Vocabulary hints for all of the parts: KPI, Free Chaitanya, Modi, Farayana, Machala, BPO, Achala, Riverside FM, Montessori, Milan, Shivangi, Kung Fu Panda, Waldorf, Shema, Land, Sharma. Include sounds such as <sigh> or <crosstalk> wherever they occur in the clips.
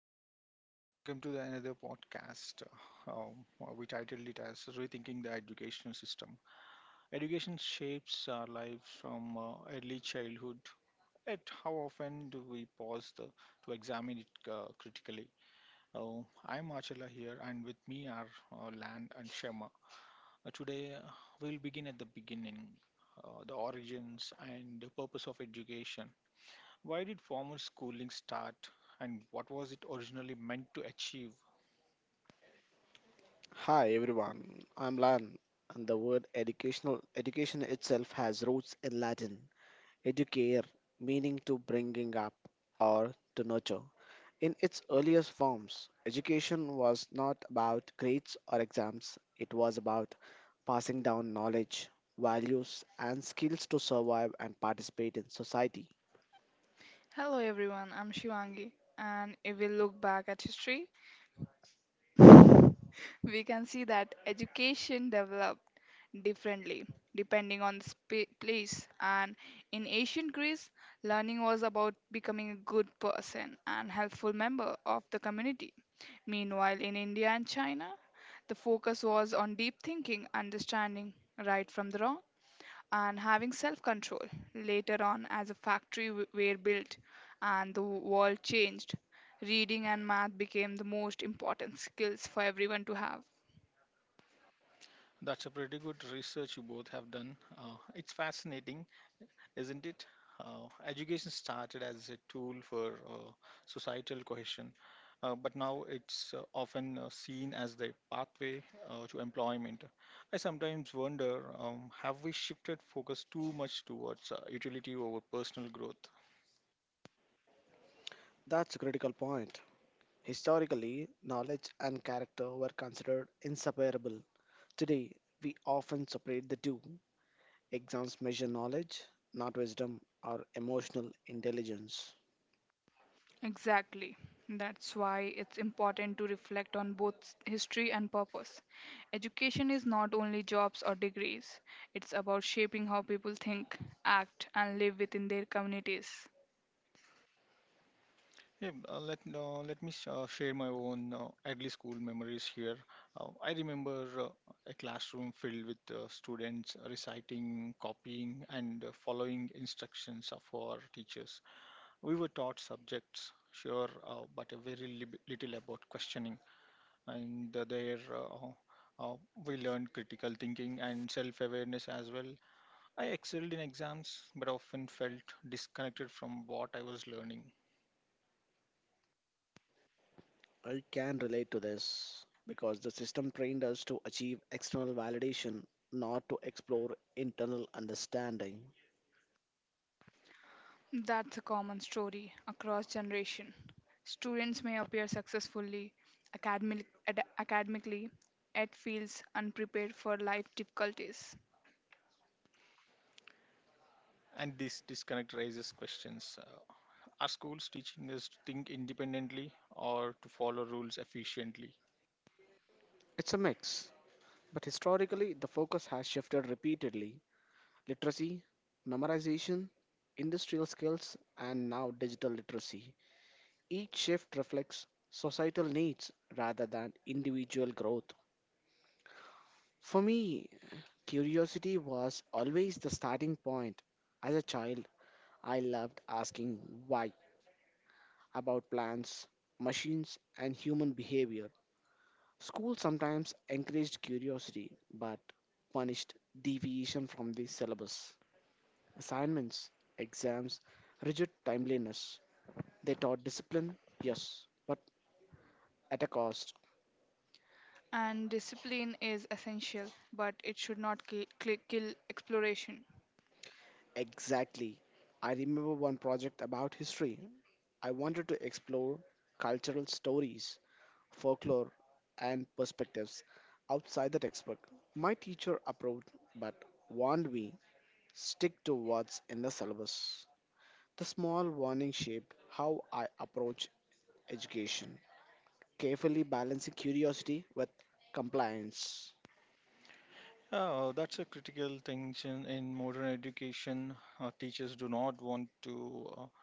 Hello, guys. Welcome to the another podcast. We titled it as "Rethinking the Educational System." Education shapes our lives from early childhood. Yet, how often do we to examine it critically? I'm Achala here, and with me are Land and Shema. Uh, today, uh, we'll begin at the beginning. The origins and the purpose of education. Why did formal schooling start and what was it originally meant to achieve? Hi everyone, I'm Lan, and the word education itself has roots in Latin educare, meaning to bringing up or to nurture. In its earliest forms, education was not about grades or exams, it was about passing down knowledge, values, and skills to survive and participate in society. Hello everyone, I'm Shivangi, and if we look back at history, <laughs> we can see that education developed differently depending on the place. And in ancient Greece, learning was about becoming a good person and helpful member of the community. Meanwhile, in India and China, the focus was on deep thinking, understanding right from the wrong, and having self control. Later on, as a were built and the world changed, reading and math became the most important skills for everyone to have. That's a pretty good research you both have done. It's fascinating, isn't it? Education started as a tool for societal cohesion, but now it's often seen as the pathway to employment. I sometimes wonder have we shifted focus too much towards utility over personal growth? That's a critical point. Historically, knowledge and character were considered inseparable. Today, we often separate the two. Exams measure knowledge, not wisdom or emotional intelligence. Exactly. That's why it's important to reflect on both history and purpose. Education is not only jobs or degrees, it's about shaping how people think, act, and live within their communities. Yeah, let me share my own early school memories here. I remember a classroom filled with students reciting, copying, and following instructions of our teachers. We were taught subjects, sure, but a very lib little about questioning. And uh, we learned critical thinking and self-awareness as well. I excelled in exams, but often felt disconnected from what I was learning. I can relate to this because the system trained us to achieve external validation, not to explore internal understanding. That's a common story across generation. Students may appear successfully academic, academically, yet feels unprepared for life difficulties. And this disconnect raises questions. Are schools teaching us to think independently or to follow rules efficiently? It's a mix, but historically, the focus has shifted repeatedly. Literacy, memorization, industrial skills, and now digital literacy. Each shift reflects societal needs rather than individual growth. For me, curiosity was always the starting point. As a child, I loved asking why about plants, machines, and human behavior. School sometimes encouraged curiosity but punished deviation from the syllabus. Assignments, exams, rigid timeliness. They taught discipline, yes, but at a cost. And discipline is essential, but it should not kill exploration. Exactly. I remember one project about history. I wanted to explore cultural stories, folklore, and perspectives outside the textbook. My teacher approved but warned me stick to what's in the syllabus. The small warning shaped how I approach education, carefully balancing curiosity with compliance. Oh, that's a critical tension in modern education. Teachers do not want to uh,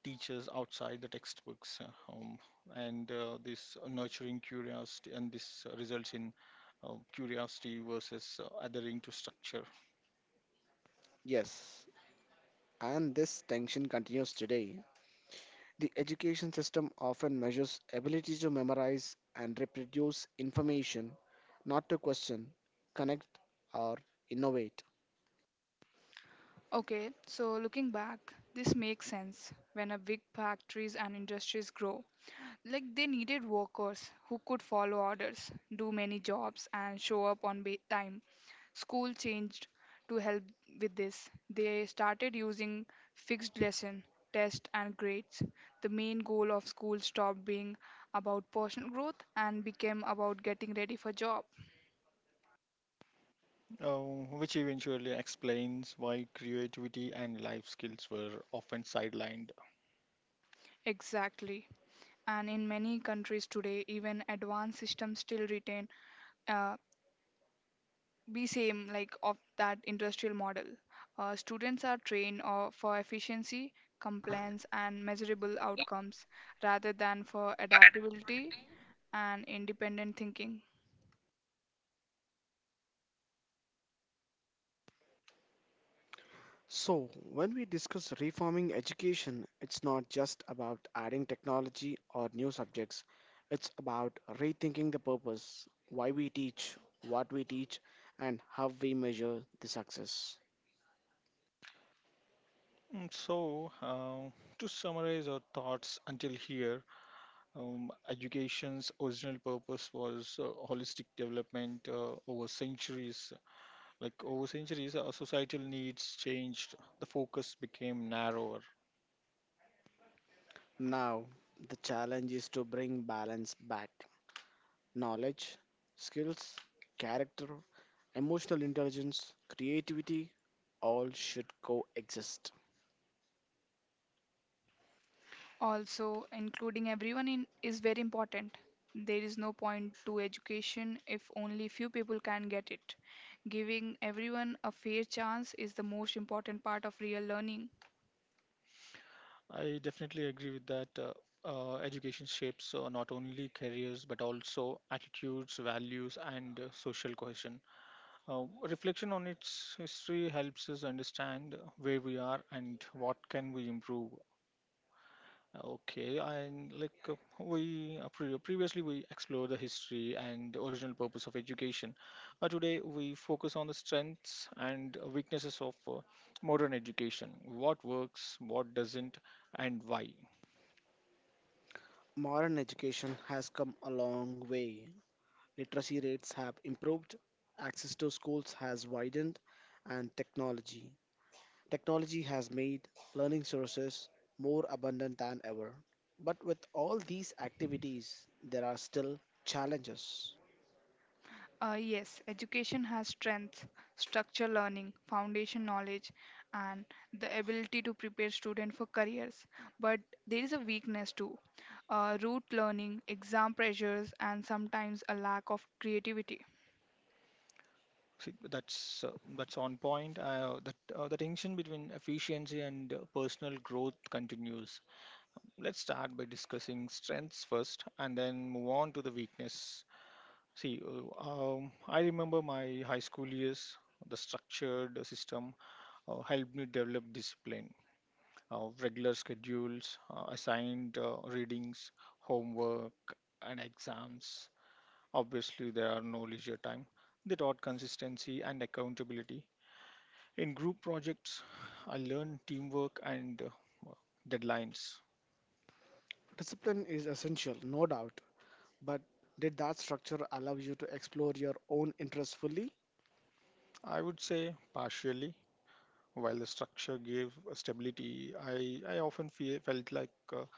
uh, teach us outside the textbooks, and this nurturing curiosity, and this results in curiosity versus adhering to structure, Yes, and this tension continues today. The education system often measures ability to memorize and reproduce information, not to question, connect, or innovate. Okay, so looking back, this makes sense. When a big factories and industries grow, like they needed workers who could follow orders, do many jobs, and show up on time. School changed to help with this. They started using fixed lesson, test, and grades. The main goal of school stopped being about personal growth and became about getting ready for job. Which eventually explains why creativity and life skills were often sidelined. Exactly. And in many countries today, even advanced systems still retain uh, be same like of that industrial model. Students are trained for efficiency, compliance, and measurable outcomes rather than for adaptability and independent thinking. So, when we discuss reforming education, it's not just about adding technology or new subjects. It's about rethinking the purpose, why we teach, what we teach, and how we measure the success. So, to summarize our thoughts until here, education's original purpose was holistic development over centuries. Like over centuries, our societal needs changed. The focus became narrower. Now, the challenge is to bring balance back. Knowledge, skills, character, emotional intelligence, creativity, all should coexist. Also, including everyone in is very important. There is no point to education if only few people can get it. Giving everyone a fair chance is the most important part of real learning. I definitely agree with that. Education shapes not only careers but also attitudes, values, and social cohesion. Reflection on its history helps us understand where we are and what can we improve. Okay, and we previously we explored the history and the original purpose of education. Today we focus on the strengths and weaknesses of modern education. What works, what doesn't, and why. Modern education has come a long way literacy rates have improved, access to schools has widened, and technology has made learning sources more abundant than ever. But with all these activities, there are still challenges. Yes, education has strengths, structure learning, foundation knowledge, and the ability to prepare students for careers. But there is a weakness too root learning, exam pressures, and sometimes a lack of creativity. See, that's on point. That The tension between efficiency and personal growth continues. Let's start by discussing strengths first, and then move on to the weakness. See, uh, I remember my high school years. The structured system helped me develop discipline, regular schedules, assigned readings, homework, and exams. Obviously, there are no leisure time. They taught consistency and accountability. In group projects, I learned teamwork and deadlines. Discipline is essential, no doubt, but did that structure allow you to explore your own interests fully? I would say partially. While the structure gave stability, I often felt like uh,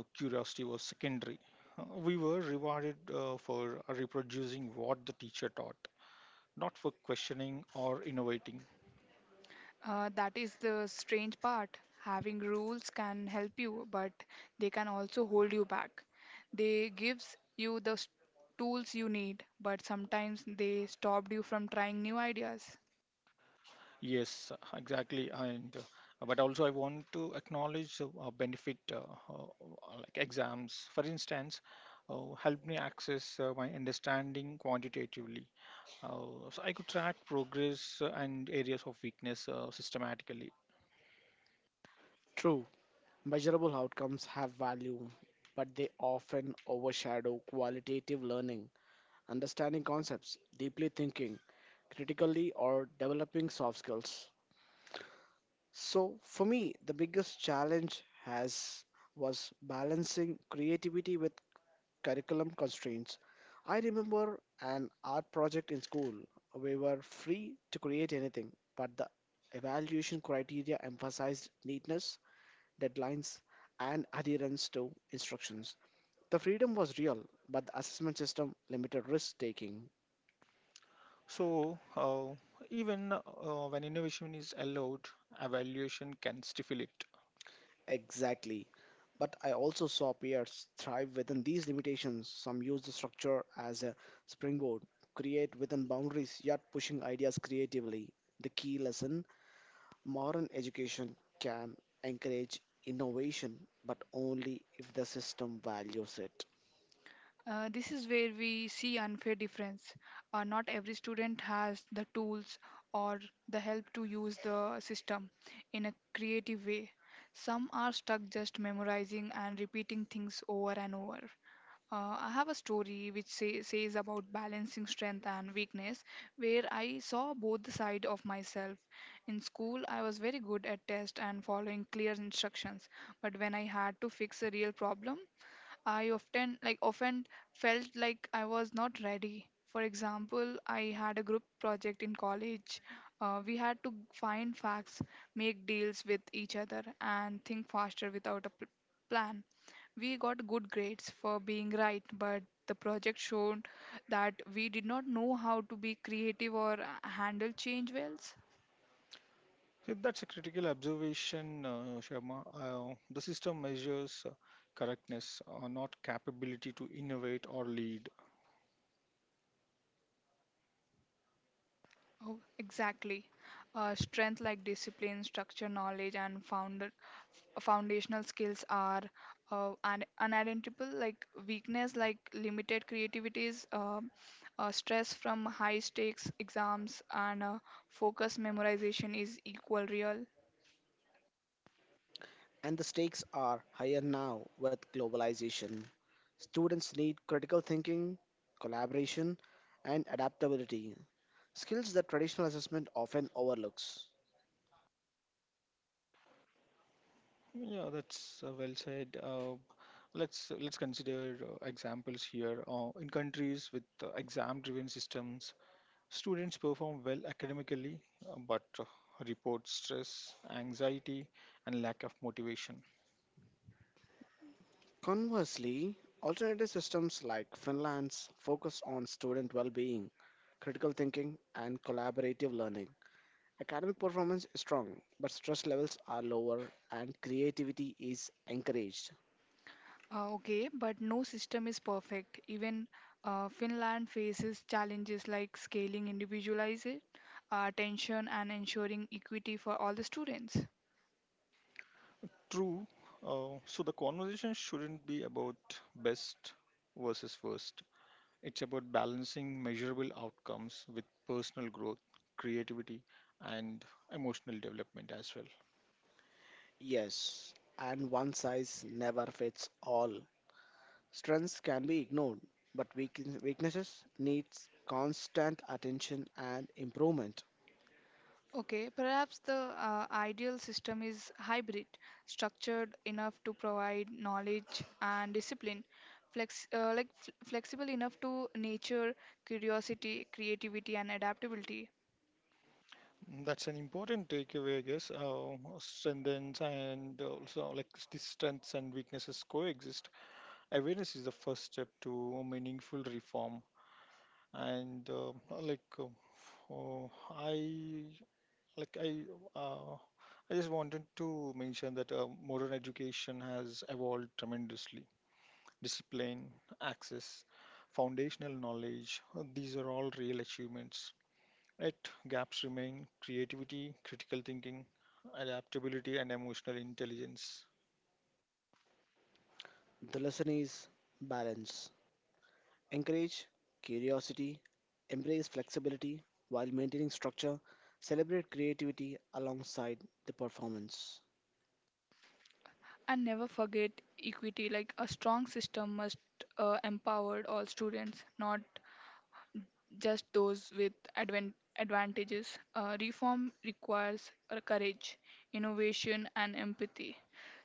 uh, curiosity was secondary. We were rewarded for reproducing what the teacher taught, not for questioning or innovating. That is the strange part. Having rules can help you, but they can also hold you back. They gives you the tools you need, but sometimes they stopped you from trying new ideas. Yes, exactly. And but also, I want to acknowledge the benefit uh, like exams, for instance, helped me access my understanding quantitatively. So I could track progress and areas of weakness systematically. True, measurable outcomes have value, but they often overshadow qualitative learning. Understanding concepts, deeply thinking critically, or developing soft skills. So for me, the biggest challenge has was balancing creativity with curriculum constraints. I remember an art project in school. We were free to create anything, but the evaluation criteria emphasized neatness, deadlines, and adherence to instructions. The freedom was real, but the assessment system limited risk taking. So, even when innovation is allowed, evaluation can stifle it. Exactly. But I also saw peers thrive within these limitations. Some use the structure as a springboard, create within boundaries, yet pushing ideas creatively. The key lesson modern education can encourage innovation, but only if the system values it. This is where we see unfair difference. Not every student has the tools or the help to use the system in a creative way. Some are stuck just memorizing and repeating things over and over. I have a story which says about balancing strength and weakness, where I saw both the side of myself. In school, I was very good at test and following clear instructions, but when I had to fix a real problem, I often felt like I was not ready. For example, I had a group project in college. We had to find facts, make deals with each other, and think faster without a plan. We got good grades for being right, but the project showed that we did not know how to be creative or handle change wells. So that's a critical observation, Sharma. The system measures correctness, not capability to innovate or lead. Oh, exactly. Strength like discipline, structure, knowledge, and founder foundational skills are unidentifiable like weakness like limited creativities stress from high stakes exams and focus memorization is equal real. And the stakes are higher now with globalization. Students need critical thinking, collaboration, and adaptability, skills that traditional assessment often overlooks. Yeah, that's well said. Let's consider examples here. In countries with exam-driven systems, students perform well academically, but report stress, anxiety, and lack of motivation. Conversely, alternative systems like Finland's focus on student well being, critical thinking, and collaborative learning. Academic performance is strong, but stress levels are lower and creativity is encouraged. Okay, but no system is perfect even Finland faces challenges like scaling individualized attention and ensuring equity for all the students. True. So the conversation shouldn't be about best versus worst. It's about balancing measurable outcomes with personal growth, creativity, and emotional development as well. Yes, and one size never fits all. Strengths can be ignored, but weaknesses needs constant attention and improvement. Okay, perhaps the ideal system is hybrid, structured enough to provide knowledge and discipline, flexible enough to nature curiosity, creativity, and adaptability. That's an important takeaway, I guess. Strengths and also like the strengths and weaknesses coexist. Awareness is the first step to meaningful reform, and like. Oh, I like uh, I just wanted to mention that modern education has evolved tremendously. Discipline, access, foundational knowledge, these are all real achievements. Yet gaps remain creativity, critical thinking, adaptability, and emotional intelligence. The lesson is balance. Encourage curiosity, embrace flexibility while maintaining structure, celebrate creativity alongside the performance. And never forget equity. Like a strong system must empower all students, not just those with advantages. Reform requires courage, innovation, and empathy.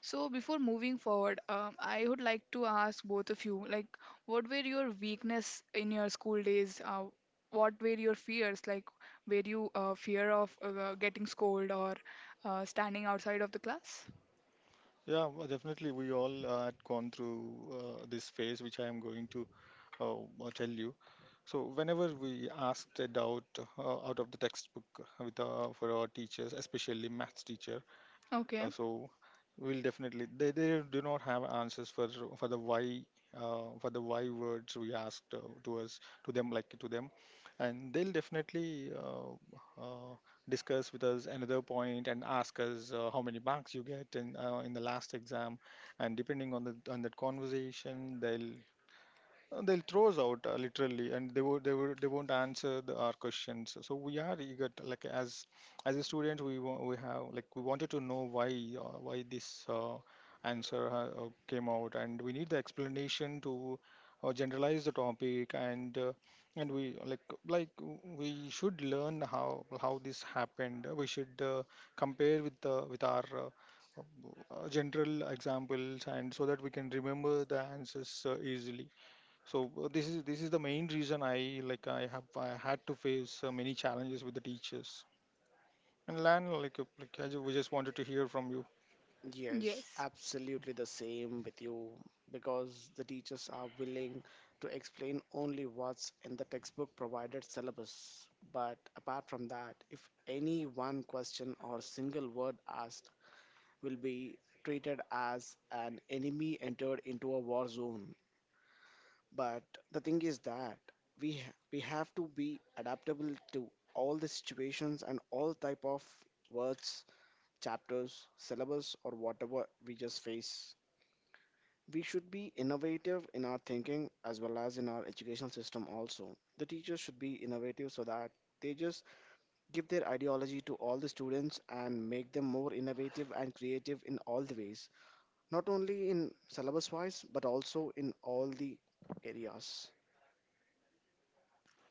So, before moving forward, I would like to ask both of you, like, what were your weakness in your school days? What were your fears? Like, were you fear of getting scolded or standing outside of the class? Yeah, well, definitely. We all had gone through this phase, which I am going to tell you. So, whenever we asked a doubt out of the textbook with for our teachers, especially maths teacher, Okay. uh, so we'll definitely they do not have answers for the why for the why words we asked to us to them like to them, and they'll definitely discuss with us another point and ask us how many marks you get in the last exam, and depending on the on that conversation they'll throw us out literally, and they won't answer our questions. So we are eager, to, as a student, we wa- we have like we wanted to know why this came out, and we need the explanation to generalize the topic, and we like w- we should learn how this happened. We should compare with the with our. General examples and so that we can remember the answers easily. This is the main reason I like I have I had to face many challenges with the teachers. And Lan, like, we just wanted to hear from you. Yes, Yes. absolutely the same with you because the teachers are willing to explain only what's in the textbook provided syllabus. But apart from that, if any one question or single word asked will be treated as an enemy entered into a war zone. But the thing is that we have to be adaptable to all the situations and all type of words, chapters, syllabus, or whatever we just face. We should be innovative in our thinking as well as in our educational system. Also, the teachers should be innovative so that they just give their ideology to all the students and make them more innovative and creative in all the ways, not only in syllabus wise but also in all the areas.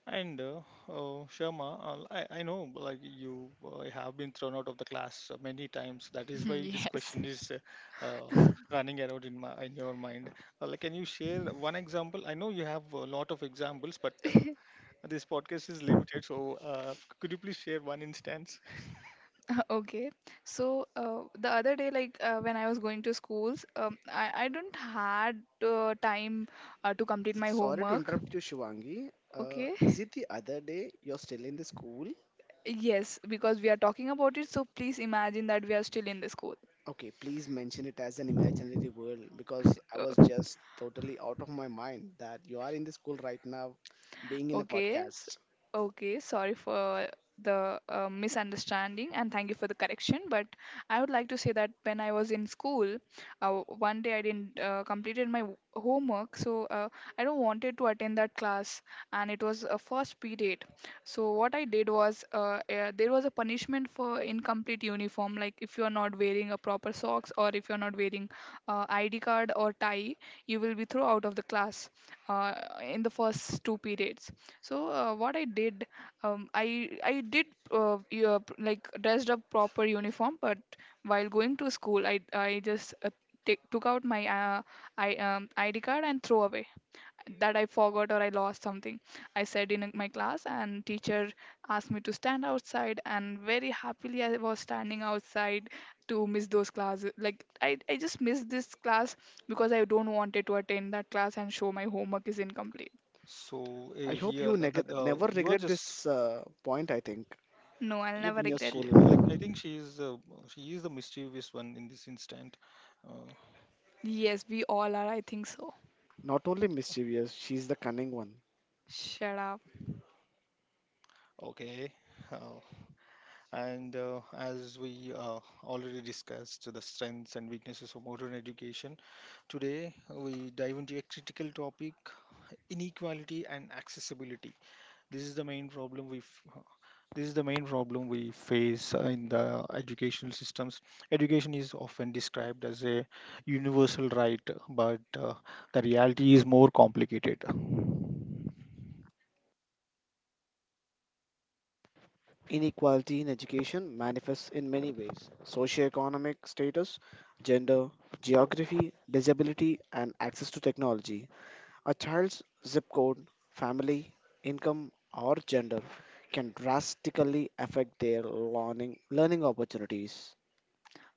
And Sharma, I know like you have been thrown out of the class many times. That is <laughs> why this Yes. question is uh, uh, running around in my in your mind. Can you share one example? I know you have a lot of examples, but this podcast is limited. So, could you please share one instance? <laughs> Okay. So the other day, like when I was going to schools, I don't had time to complete my Sorry to homework. interrupt you, Shivangi. Uh, Okay. is <laughs> it the other day you're still in the school? Yes, because we are talking about it, so please imagine that we are still in the school. Okay, please mention it as an imaginary world because I was Uh, just totally out of my mind that you are in the school right now being in a Okay, podcast. okay, sorry for the misunderstanding and thank you for the correction. But I would like to say that when I was in school, one day I didn't completed my homework, so I don't wanted to attend that class, and it was a first period. So what I did was there was a punishment for incomplete uniform, like if you are not wearing a proper socks or if you are not wearing ID card or tie, you will be thrown out of the class uh, in the first two periods. So what I did, I did like dressed up proper uniform, but while going to school, I just took out my I ID card and throw away that I forgot or I lost something. I said in my class, and teacher asked me to stand outside, and very happily I was standing outside to miss those classes. I just missed this class because I don't wanted to attend that class and show my homework is incomplete. So I hope here you that never you are regret just this point, I think, No, I'll yep, never in your regret. school she life. like I think she is the mischievous one in this instant. Uh, Yes, we all are. I think so. Not only mischievous, she's the cunning one. Shut up. okay, uh, and as we already discussed the strengths and weaknesses of modern education, today we dive into a critical topic: inequality and accessibility. This is the main problem we f- This is the main problem we face in the educational systems. Education is often described as a universal right, but the reality is more complicated. Inequality in education manifests in many ways socioeconomic status, gender, geography, disability, and access to technology. A child's zip code, family, income, or gender can drastically affect their learning opportunities.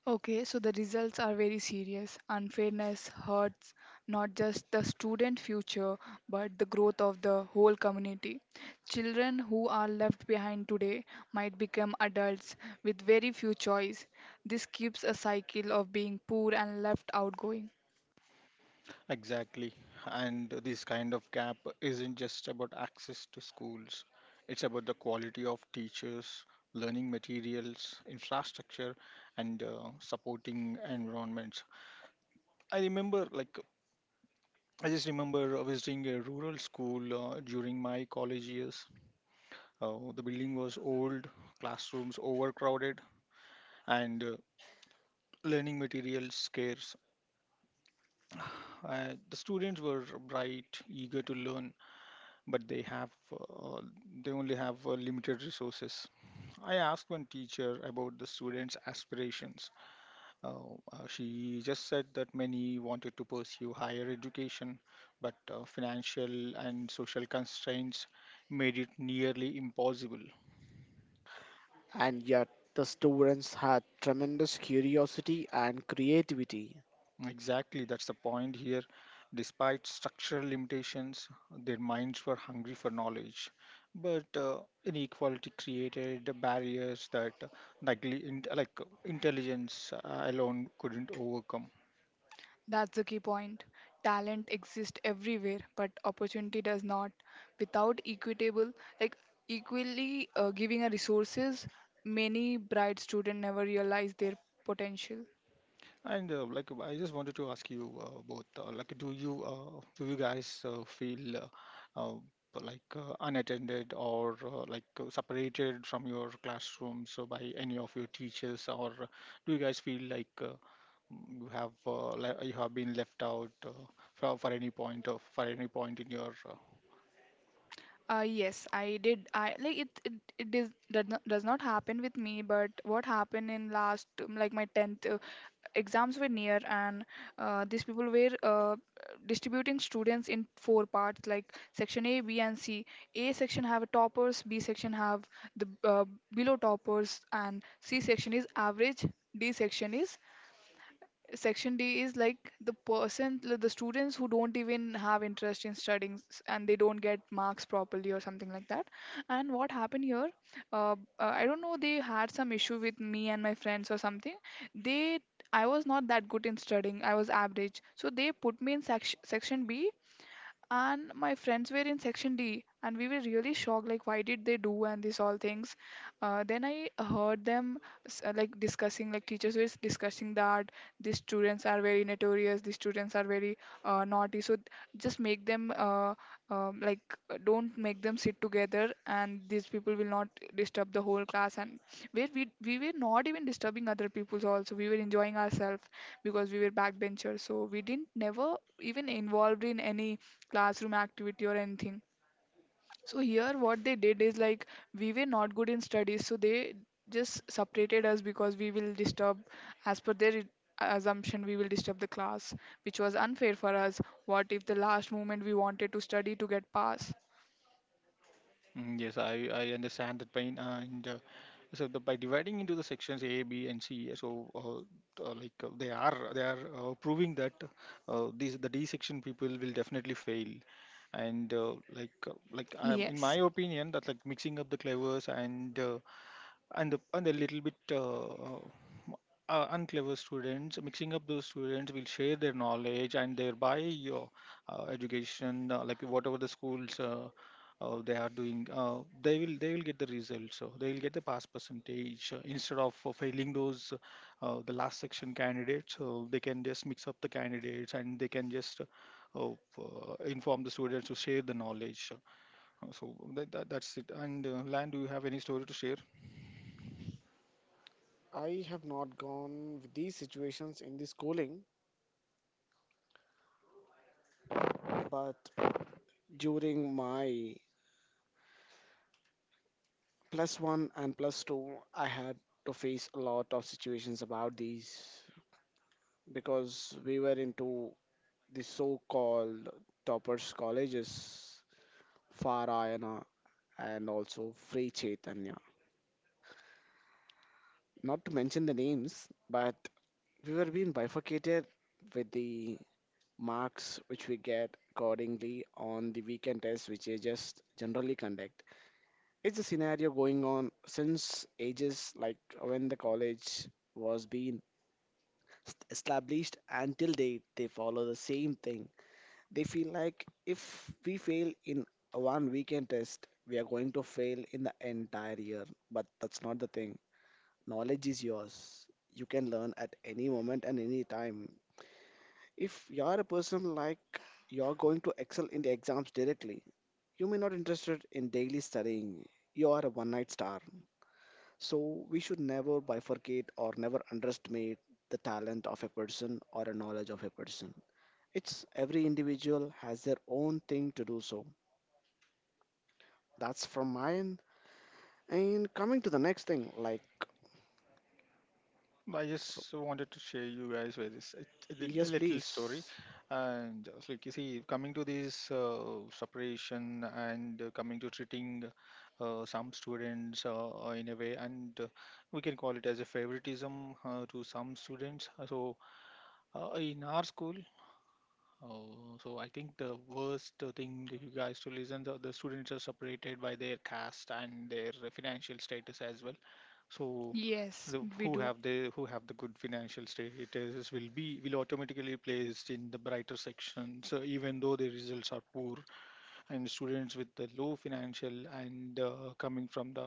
Okay, so the results are very serious. Unfairness hurts not just the student future but the growth of the whole community. Children who are left behind today might become adults with very few choice. This keeps a cycle of being poor and left out going. Exactly. And this kind of gap isn't just about access to schools, it's about the quality of teachers, learning materials, infrastructure, and supporting environments. I remember, like, I just remember visiting a rural school during my college years. The building was old, classrooms overcrowded, and learning materials scarce. The students were bright, eager to learn, but they only have limited resources. I asked one teacher about the students' aspirations. She just said that many wanted to pursue higher education, but financial and social constraints made it nearly impossible. And yet, the students had tremendous curiosity and creativity. Exactly, that's the point here. Despite structural limitations, their minds were hungry for knowledge. But inequality created the barriers that nightly in, like intelligence alone couldn't overcome. That's the key point. Talent exists everywhere, but opportunity does not. Without equitable, like equally giving a resources, many bright students never realize their potential. And I just wanted to ask you both, do you guys feel uh, like unattended or separated from your classroom so by any of your teachers, or do you guys feel like you have you have been left out for any point in your Yes, I did. I like it. It is, does not happen with me, but what happened in last like my tenth exams were near, and these people were distributing students in four parts like section A, B, and C. A section have toppers, B section have the below toppers, and C section is average, D section is section D is like the person, the students who don't even have interest in studying and they don't get marks properly or something like that. And what happened here, I don't know, they had some issue with me and my friends or something. They I was not that good in studying. I was average. So they put me in section B, and my friends were in section D, and we were really shocked like why did they do and these all things. Then I heard them like discussing, like teachers were discussing that these students are very notorious, these students are very naughty, so just make them um, like don't make them sit together and these people will not disturb the whole class. And where we were not even disturbing other people's, also we were enjoying ourselves because we were backbenchers, so we didn't never even involved in any classroom activity or anything. So here what they did is like we were not good in studies, so they just separated us because we will disturb, as per their assumption, we will disturb the class, which was unfair for us. What if the last moment we wanted to study to get pass? Yes, I understand that pain. And So the, by dividing into the sections A, B, and C, they are proving that these the D section people will definitely fail. And in my Yes. opinion, that like mixing up the clavers and the and a little bit unclever students, mixing up those students will share their knowledge and thereby your education, like whatever the schools they are doing, they will get the results, so they will get the pass percentage instead of failing those the last section candidates, so they can just mix up the candidates and they can just inform the students to share the knowledge. Uh, so that's it. And Lan, do you have any story to share? I have not gone with these situations in the schooling, but during my plus one and plus two, I had to face a lot of situations about these because we were into the so-called toppers colleges, Farayana and also Free Chaitanya. Not to mention the names, but we were being bifurcated with the marks which we get accordingly on the weekend tests which they just generally conduct. It's a scenario going on since ages like when the college was being established until date they follow the same thing. They feel like if we fail in one weekend test, we are going to fail in the entire year. But that's not the thing. Knowledge is yours. You can learn at any moment and any time. If you are a person like you're going to excel in the exams directly, you may not interested in daily studying. You are a one night star. So we should never bifurcate or never underestimate the talent of a person or a knowledge of a person. It's every individual has their own thing to do so. That's from my end. And coming to the next thing, like, I so, just wanted to share you guys with this a a yes, little story, please. and so like you can see, coming to this separation and coming to treating some students in a way, and we can call it as a favoritism to some students. In our school, so I think the worst thing that you guys to listen, the students are separated by their caste and their financial status as well. So Yes, the we who do. have the who have the good financial status will be will automatically placed in the brighter section. So even though the results are poor and students with the low financial and coming from the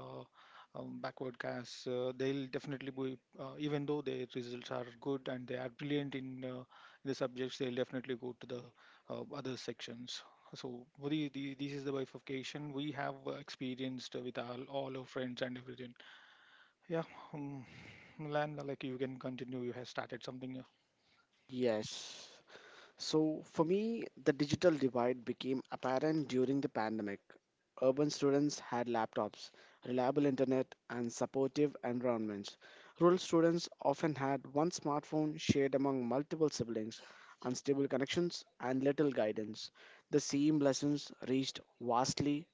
backward caste, they'll definitely be even though their results are good and they are brilliant in the subjects, they'll definitely go to the other sections. So, Modi, this is the bifurcation we have experienced with all our friends and everything. Yeah. um, Milan, like you can continue. You have started something, Yes. So for me, the digital divide became apparent during the pandemic. Urban students had laptops, reliable internet, and supportive environments. Rural students often had one smartphone shared among multiple siblings, unstable connections, and little guidance. The same lessons reached vastly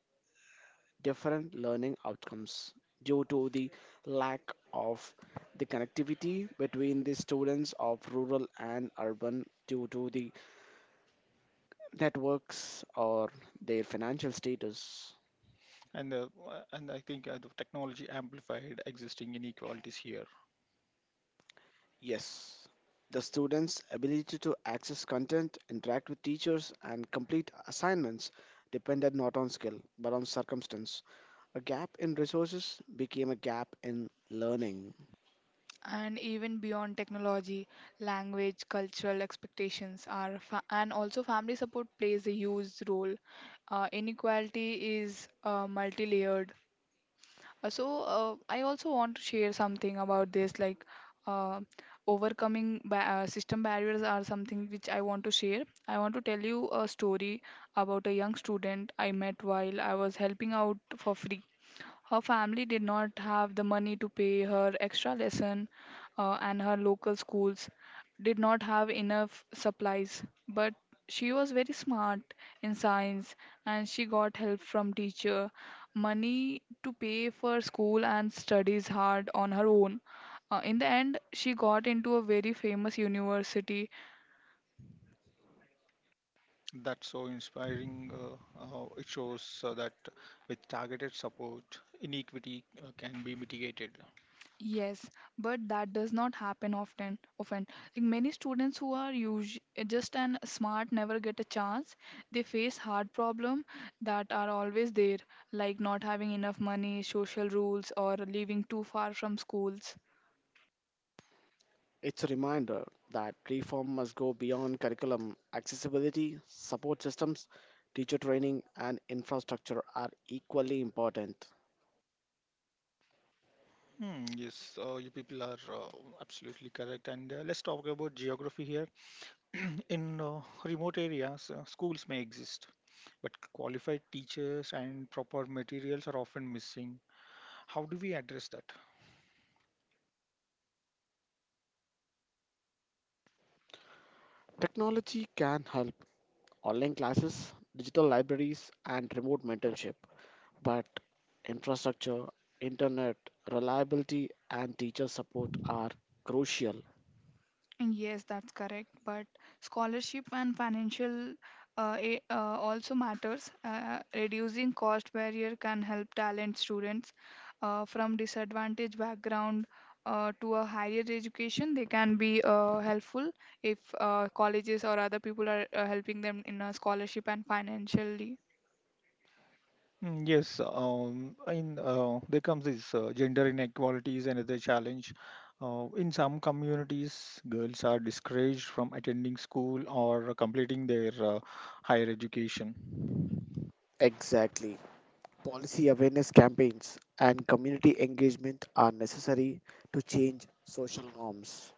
different learning outcomes due to the lack of the connectivity between the students of rural and urban due to the networks or their financial status. And I think the technology amplified existing inequalities here. Yes, the students' ability to access content, interact with teachers, and complete assignments depended not on skill but on circumstance. A gap in resources became a gap in learning. And even beyond technology, language, cultural expectations and also family support plays a huge role. Inequality is multi. I also want to share something about this, like uh, overcoming ba system barriers are something which I want to share. I want to tell you a story about a young student I met while I was helping out for free. Her family did not have the money to pay her extra lesson, and her local schools did not have enough supplies. But she was very smart in science, and she got help from teacher, money to pay for school, and studies hard on her own. In the end, she got into a very famous university. That's so inspiring. It shows that with targeted support, inequity can be mitigated. Yes, but that does not happen often. Often, like many students who are usually just and smart never get a chance. They face hard problem that are always there, like not having enough money, social rules, or living too far from schools. It's a reminder that reform must go beyond curriculum. Accessibility, support systems, teacher training, and infrastructure are equally important. Hmm, yes, you people are absolutely correct. And let's talk about geography here. <clears throat> In remote areas, schools may exist, but qualified teachers and proper materials are often missing. How do we address that? Technology can help online classes, digital libraries, and remote mentorship, but infrastructure, internet, reliability, and teacher support are crucial. Yes, that's correct. But scholarship and financial also matters. Reducing cost barrier can help talent students from disadvantaged background to a higher education. They can be helpful if colleges or other people are helping them in a scholarship and financially. Mm, yes, in there comes this gender inequalities and other challenge. In some communities, girls are discouraged from attending school or completing their higher education. Exactly. Policy awareness campaigns and community engagement are necessary to change social norms.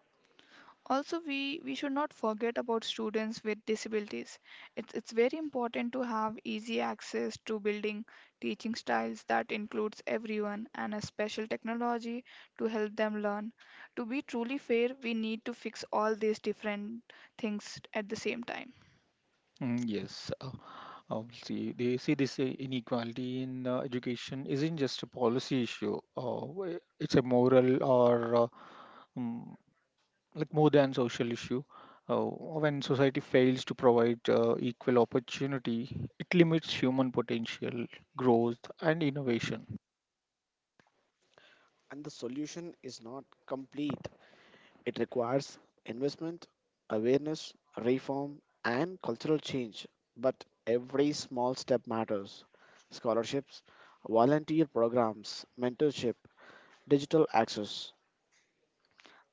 Also, we should not forget about students with disabilities. It's very important to have easy access to building, teaching styles that includes everyone, and a special technology to help them learn. To be truly fair, we need to fix all these different things at the same time. Mm, yes, obviously, they see this inequality in education isn't just a policy issue. It's a moral or um, like more than social issue. Uh, when society fails to provide equal opportunity, it limits human potential, growth, and innovation. And the solution is not complete. It requires investment, awareness, reform, and cultural change. But every small step matters. Scholarships, volunteer programs, mentorship, digital access.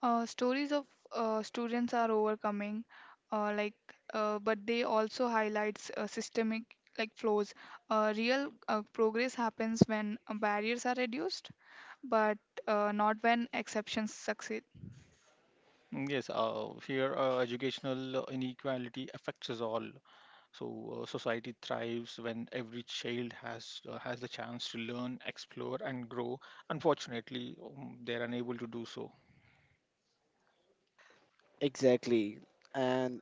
Stories of students are overcoming, uh, like but they also highlights systemic like flaws. Real progress happens when barriers are reduced, but not when exceptions succeed. Mm, yes, here educational inequality affects us all. So society thrives when every child has the chance to learn, explore, and grow. Unfortunately, they're unable to do so. Exactly. And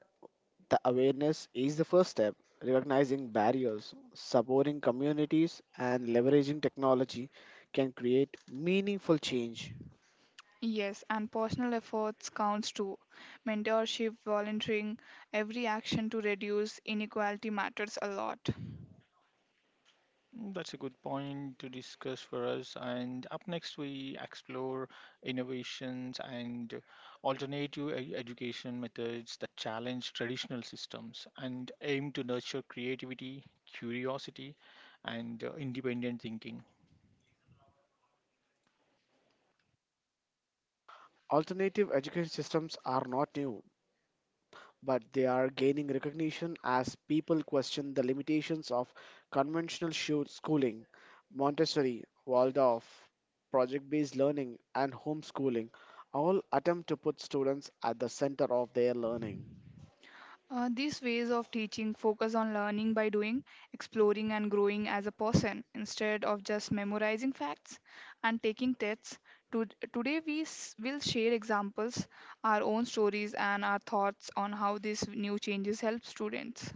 the awareness is the first step. Recognizing barriers, supporting communities, and leveraging technology can create meaningful change. Yes, and personal efforts counts too. Mentorship, volunteering, every action to reduce inequality matters a lot. Mm, that's a good point to discuss for us. And up next, we explore innovations and alternative education methods that challenge traditional systems and aim to nurture creativity, curiosity, and independent thinking. Alternative education systems are not new, but they are gaining recognition as people question the limitations of conventional schooling. Montessori, Waldorf, project based learning, and homeschooling all attempt to put students at the center of their learning. These ways of teaching focus on learning by doing, exploring, and growing as a person instead of just memorizing facts and taking tests. To, Today we will share examples, our own stories, and our thoughts on how these new changes help students.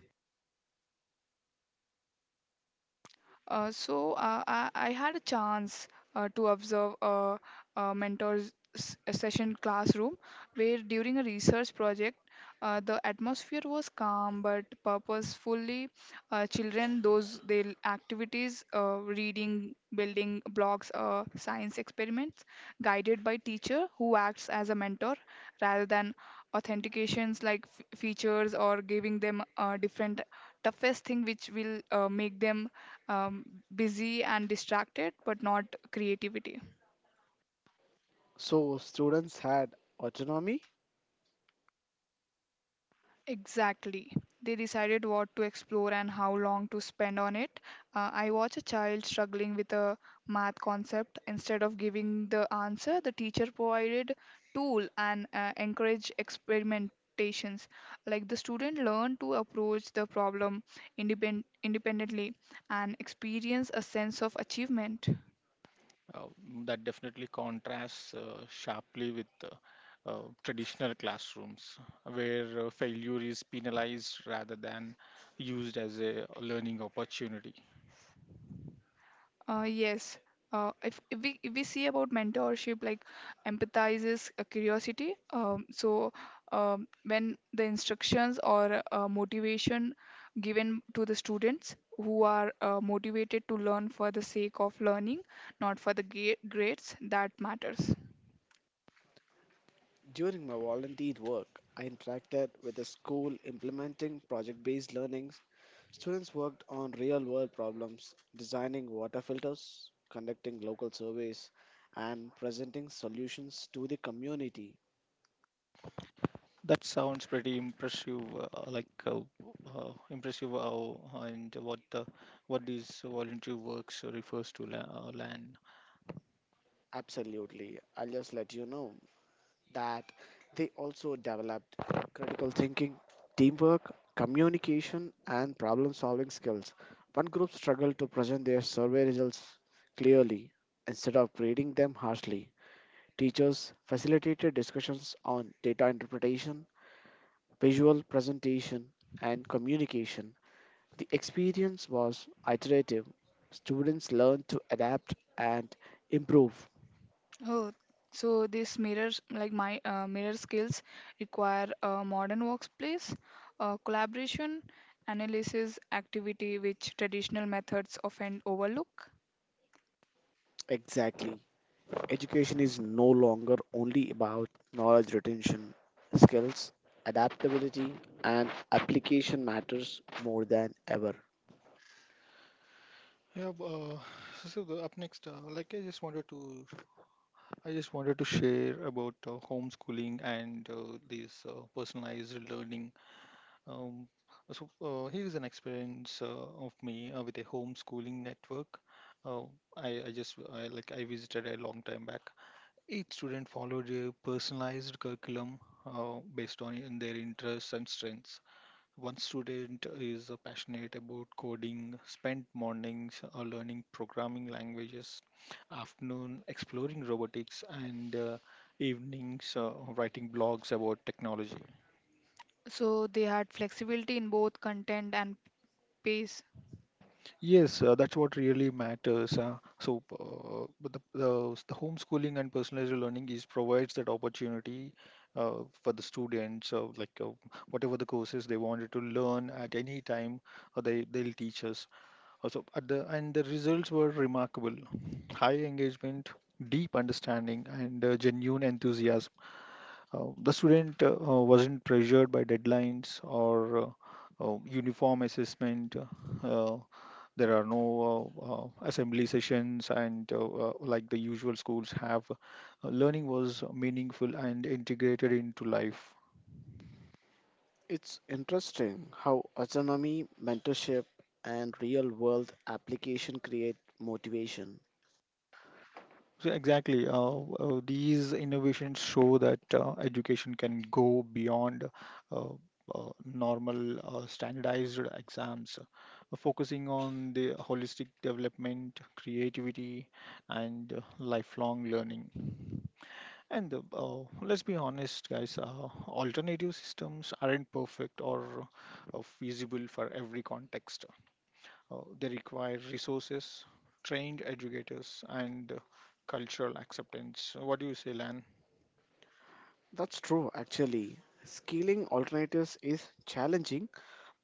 I had a chance to observe a mentor's a session classroom where, during a research project, the atmosphere was calm but purposefully, children those their activities, reading, building blocks, science experiments, guided by teacher who acts as a mentor rather than authentications like features, or giving them different toughest thing which will make them um, busy and distracted, but not creativity. So, students had autonomy. Exactly. They decided what to explore and how long to spend on it. I watched a child struggling with a math concept. Instead of giving the answer, the teacher provided tool and encouraged experimentations. Like the student learned to approach the problem independently and experience a sense of achievement. uh, that definitely contrasts sharply with traditional classrooms where failure is penalized rather than used as a learning opportunity. Yes. If we see about mentorship, like empathizes curiosity. When the instructions or motivation given to the students who are motivated to learn for the sake of learning, not for the grades, that matters. During my volunteer work, I interacted with a school implementing project based learnings. Students worked on real world problems, designing water filters, conducting local surveys, and presenting solutions to the community. That sounds pretty impressive, impressive how and what the what these voluntary works refers to land. Absolutely, I'll just let you know that they also developed critical thinking, teamwork, communication, and problem solving skills. One group struggled to present their survey results clearly instead of grading them harshly. Teachers facilitated discussions on data interpretation, visual presentation, and communication. The experience was iterative. Students learned to adapt and improve. Oh, so this mirrors like my mirror skills require a modern workplace: collaboration, analysis, activity, which traditional methods often overlook. Exactly. Education is no longer only about knowledge retention, skills, adaptability, and application matters more than ever. Yeah, so up next, like I just wanted to share about homeschooling and this personalized learning. Um, so here is an experience of me with a homeschooling network. Uh, like I visited a long time back. Each student followed a personalized curriculum based on in their interests and strengths. One student is passionate about coding, spent mornings learning programming languages, afternoon exploring robotics, and evenings writing blogs about technology. So they had flexibility in both content and pace. Yes, that's what really matters. But the homeschooling and personalized learning is provides that opportunity for the students, whatever the courses they wanted to learn at any time, they they'll teach us. Also, at the and the results were remarkable: high engagement, deep understanding, and genuine enthusiasm. The student wasn't pressured by deadlines or uniform assessment. Uh, there are no assembly sessions, and like the usual schools have, learning was meaningful and integrated into life. It's interesting how autonomy, mentorship, and real world application create motivation. So exactly. These innovations show that education can go beyond uh, normal standardized exams, focusing on the holistic development, creativity, and lifelong learning. And let's be honest, guys, alternative systems aren't perfect or feasible for every context. They require resources, trained educators, and cultural acceptance. What do you say, Lan? That's true, actually. Scaling alternatives is challenging,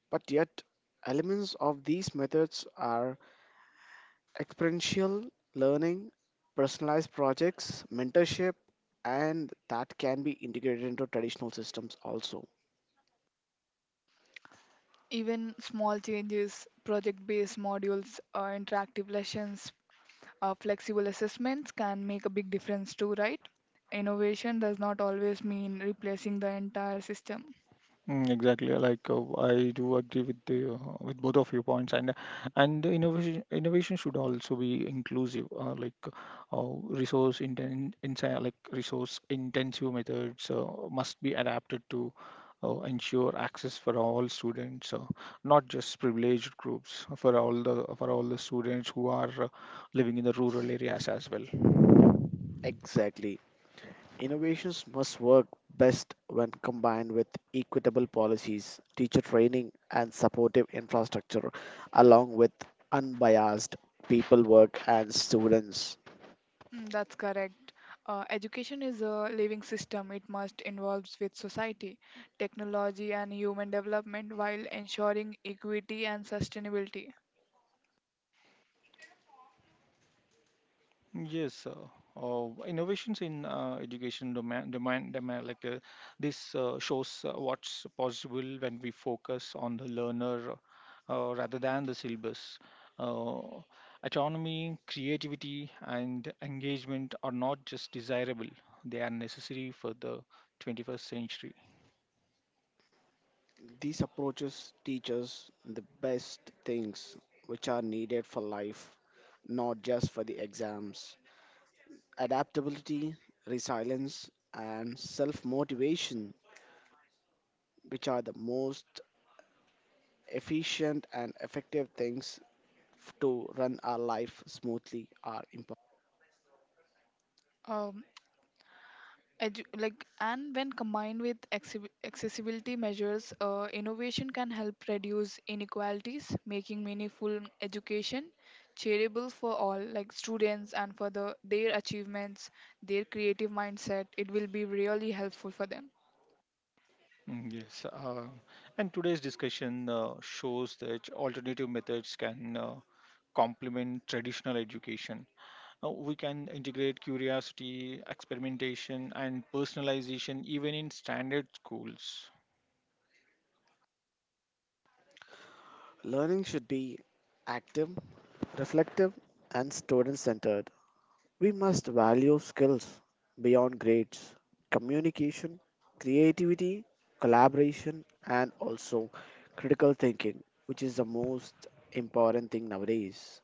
but yet elements of these methods are experiential learning, personalized projects, mentorship, and that can be integrated into traditional systems also. Even small changes, project-based modules, interactive lessons, flexible assessments, can make a big difference too, right? Innovation does not always mean replacing the entire system. Mm, exactly, I do agree with the with both of your points, and the innovation should also be inclusive, resource inten inside like resource intensive methods must be adapted to ensure access for all students, not just privileged groups, for all the students who are living in the rural areas as well. Exactly. Innovations must work best when combined with equitable policies, teacher training, and supportive infrastructure, along with unbiased people work and students. Mm, that's correct. Education is a living system. It must involve with society, technology, and human development while ensuring equity and sustainability. Yes, innovations in education domain this shows what's possible when we focus on the learner rather than the syllabus. Uh, Autonomy, creativity, and engagement are not just desirable; they are necessary for the 21st century. These approaches teach us the best things which are needed for life, not just for the exams. Adaptability, resilience, and self motivation, which are the most efficient and effective things to run our life smoothly, are important. Um, like, and when combined with accessibility measures, innovation can help reduce inequalities, making meaningful education charitable for all, like students, and for the their achievements, their creative mindset. It will be really helpful for them. Mm, yes, and today's discussion shows that alternative methods can complement traditional education. We can integrate curiosity, experimentation, and personalization even in standard schools. Learning should be active, reflective, and student centered. We must value skills beyond grades, communication, creativity, collaboration, and also critical thinking, which is the most important thing nowadays.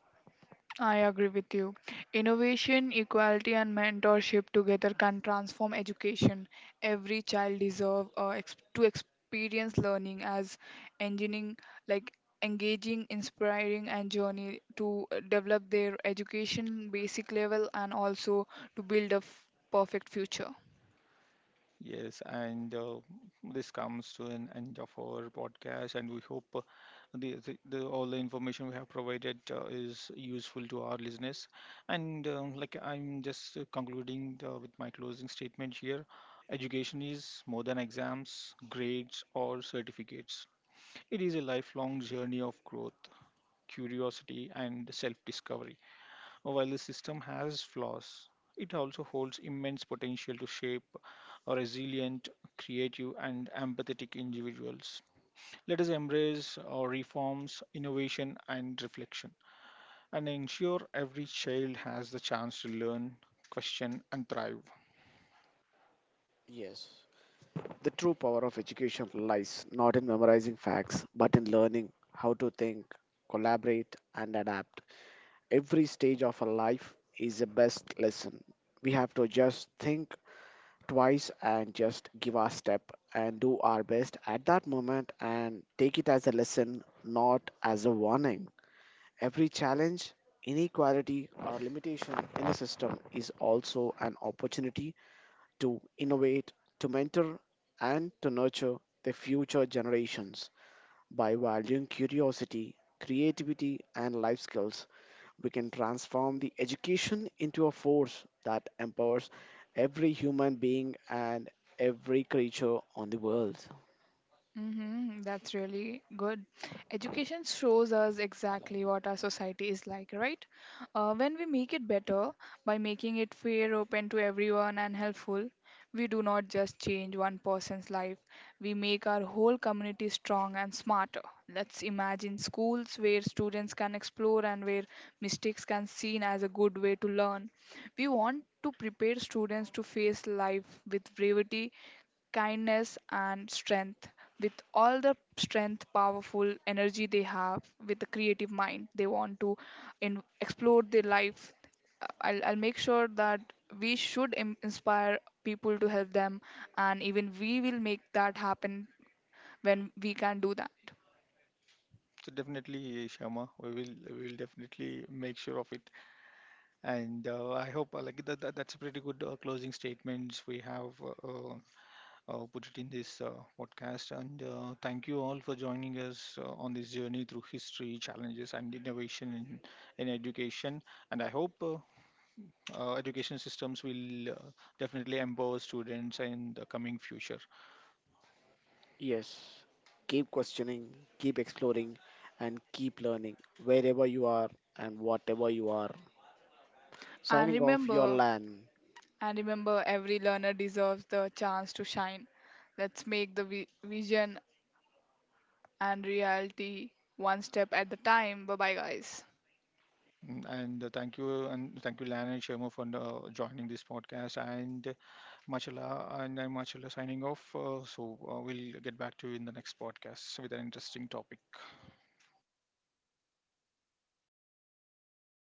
I agree with you. Innovation, equality, and mentorship together can transform education. Every child deserves to experience learning as engineering, like engaging, inspiring, and journey to develop their education basic level, and also to build a perfect future. Yes, and this comes to an end of our podcast, and we hope the all the information we have provided is useful to our listeners. And like I'm just concluding with my closing statement here, education is more than exams, grades, or certificates. It is a lifelong journey of growth, curiosity, and self discovery. While the system has flaws, it also holds immense potential to shape a resilient, creative, and empathetic individuals. Let us embrace our reforms, innovation, and reflection, and ensure every child has the chance to learn, question, and thrive. Yes. The true power of education lies not in memorizing facts, but in learning how to think, collaborate, and adapt. Every stage of our life is the best lesson. We have to just think twice and just give our step and do our best at that moment and take it as a lesson, not as a warning. Every challenge, inequality, or limitation in the system is also an opportunity to innovate, to mentor, and to nurture the future generations. By valuing curiosity, creativity, and life skills, we can transform the education into a force that empowers every human being and every creature on the world. Mm-hmm, that's really good. Education shows us exactly what our society is like, right? When we make it better by making it fair, open to everyone, and helpful, we do not just change one person's life, we make our whole community strong and smarter. Let's imagine schools where students can explore and where mistakes can seen as a good way to learn. We want to prepare students to face life with bravery, kindness, and strength, with all the strength powerful energy they have, with the creative mind they want to explore their life. I'll make sure that we should inspire people to help them, and even we will make that happen when we can do that. So definitely, Shama, we will definitely make sure of it. And I hope that's a pretty good closing statements we have put it in this podcast. And thank you all for joining us on this journey through history, challenges, and innovation in education. And I hope education systems will definitely empower students in the coming future. Yes, keep questioning, keep exploring, and keep learning wherever you are and whatever you are. and Signing off your remember land. and remember every learner deserves the chance to shine. Let's make the vision and reality, one step at the time. Bye bye, guys. Mm, and thank you, and thank you, Lan and Sharma, for joining this podcast. And Machala, and I'm Machala signing off. We'll get back to you in the next podcast with an interesting topic.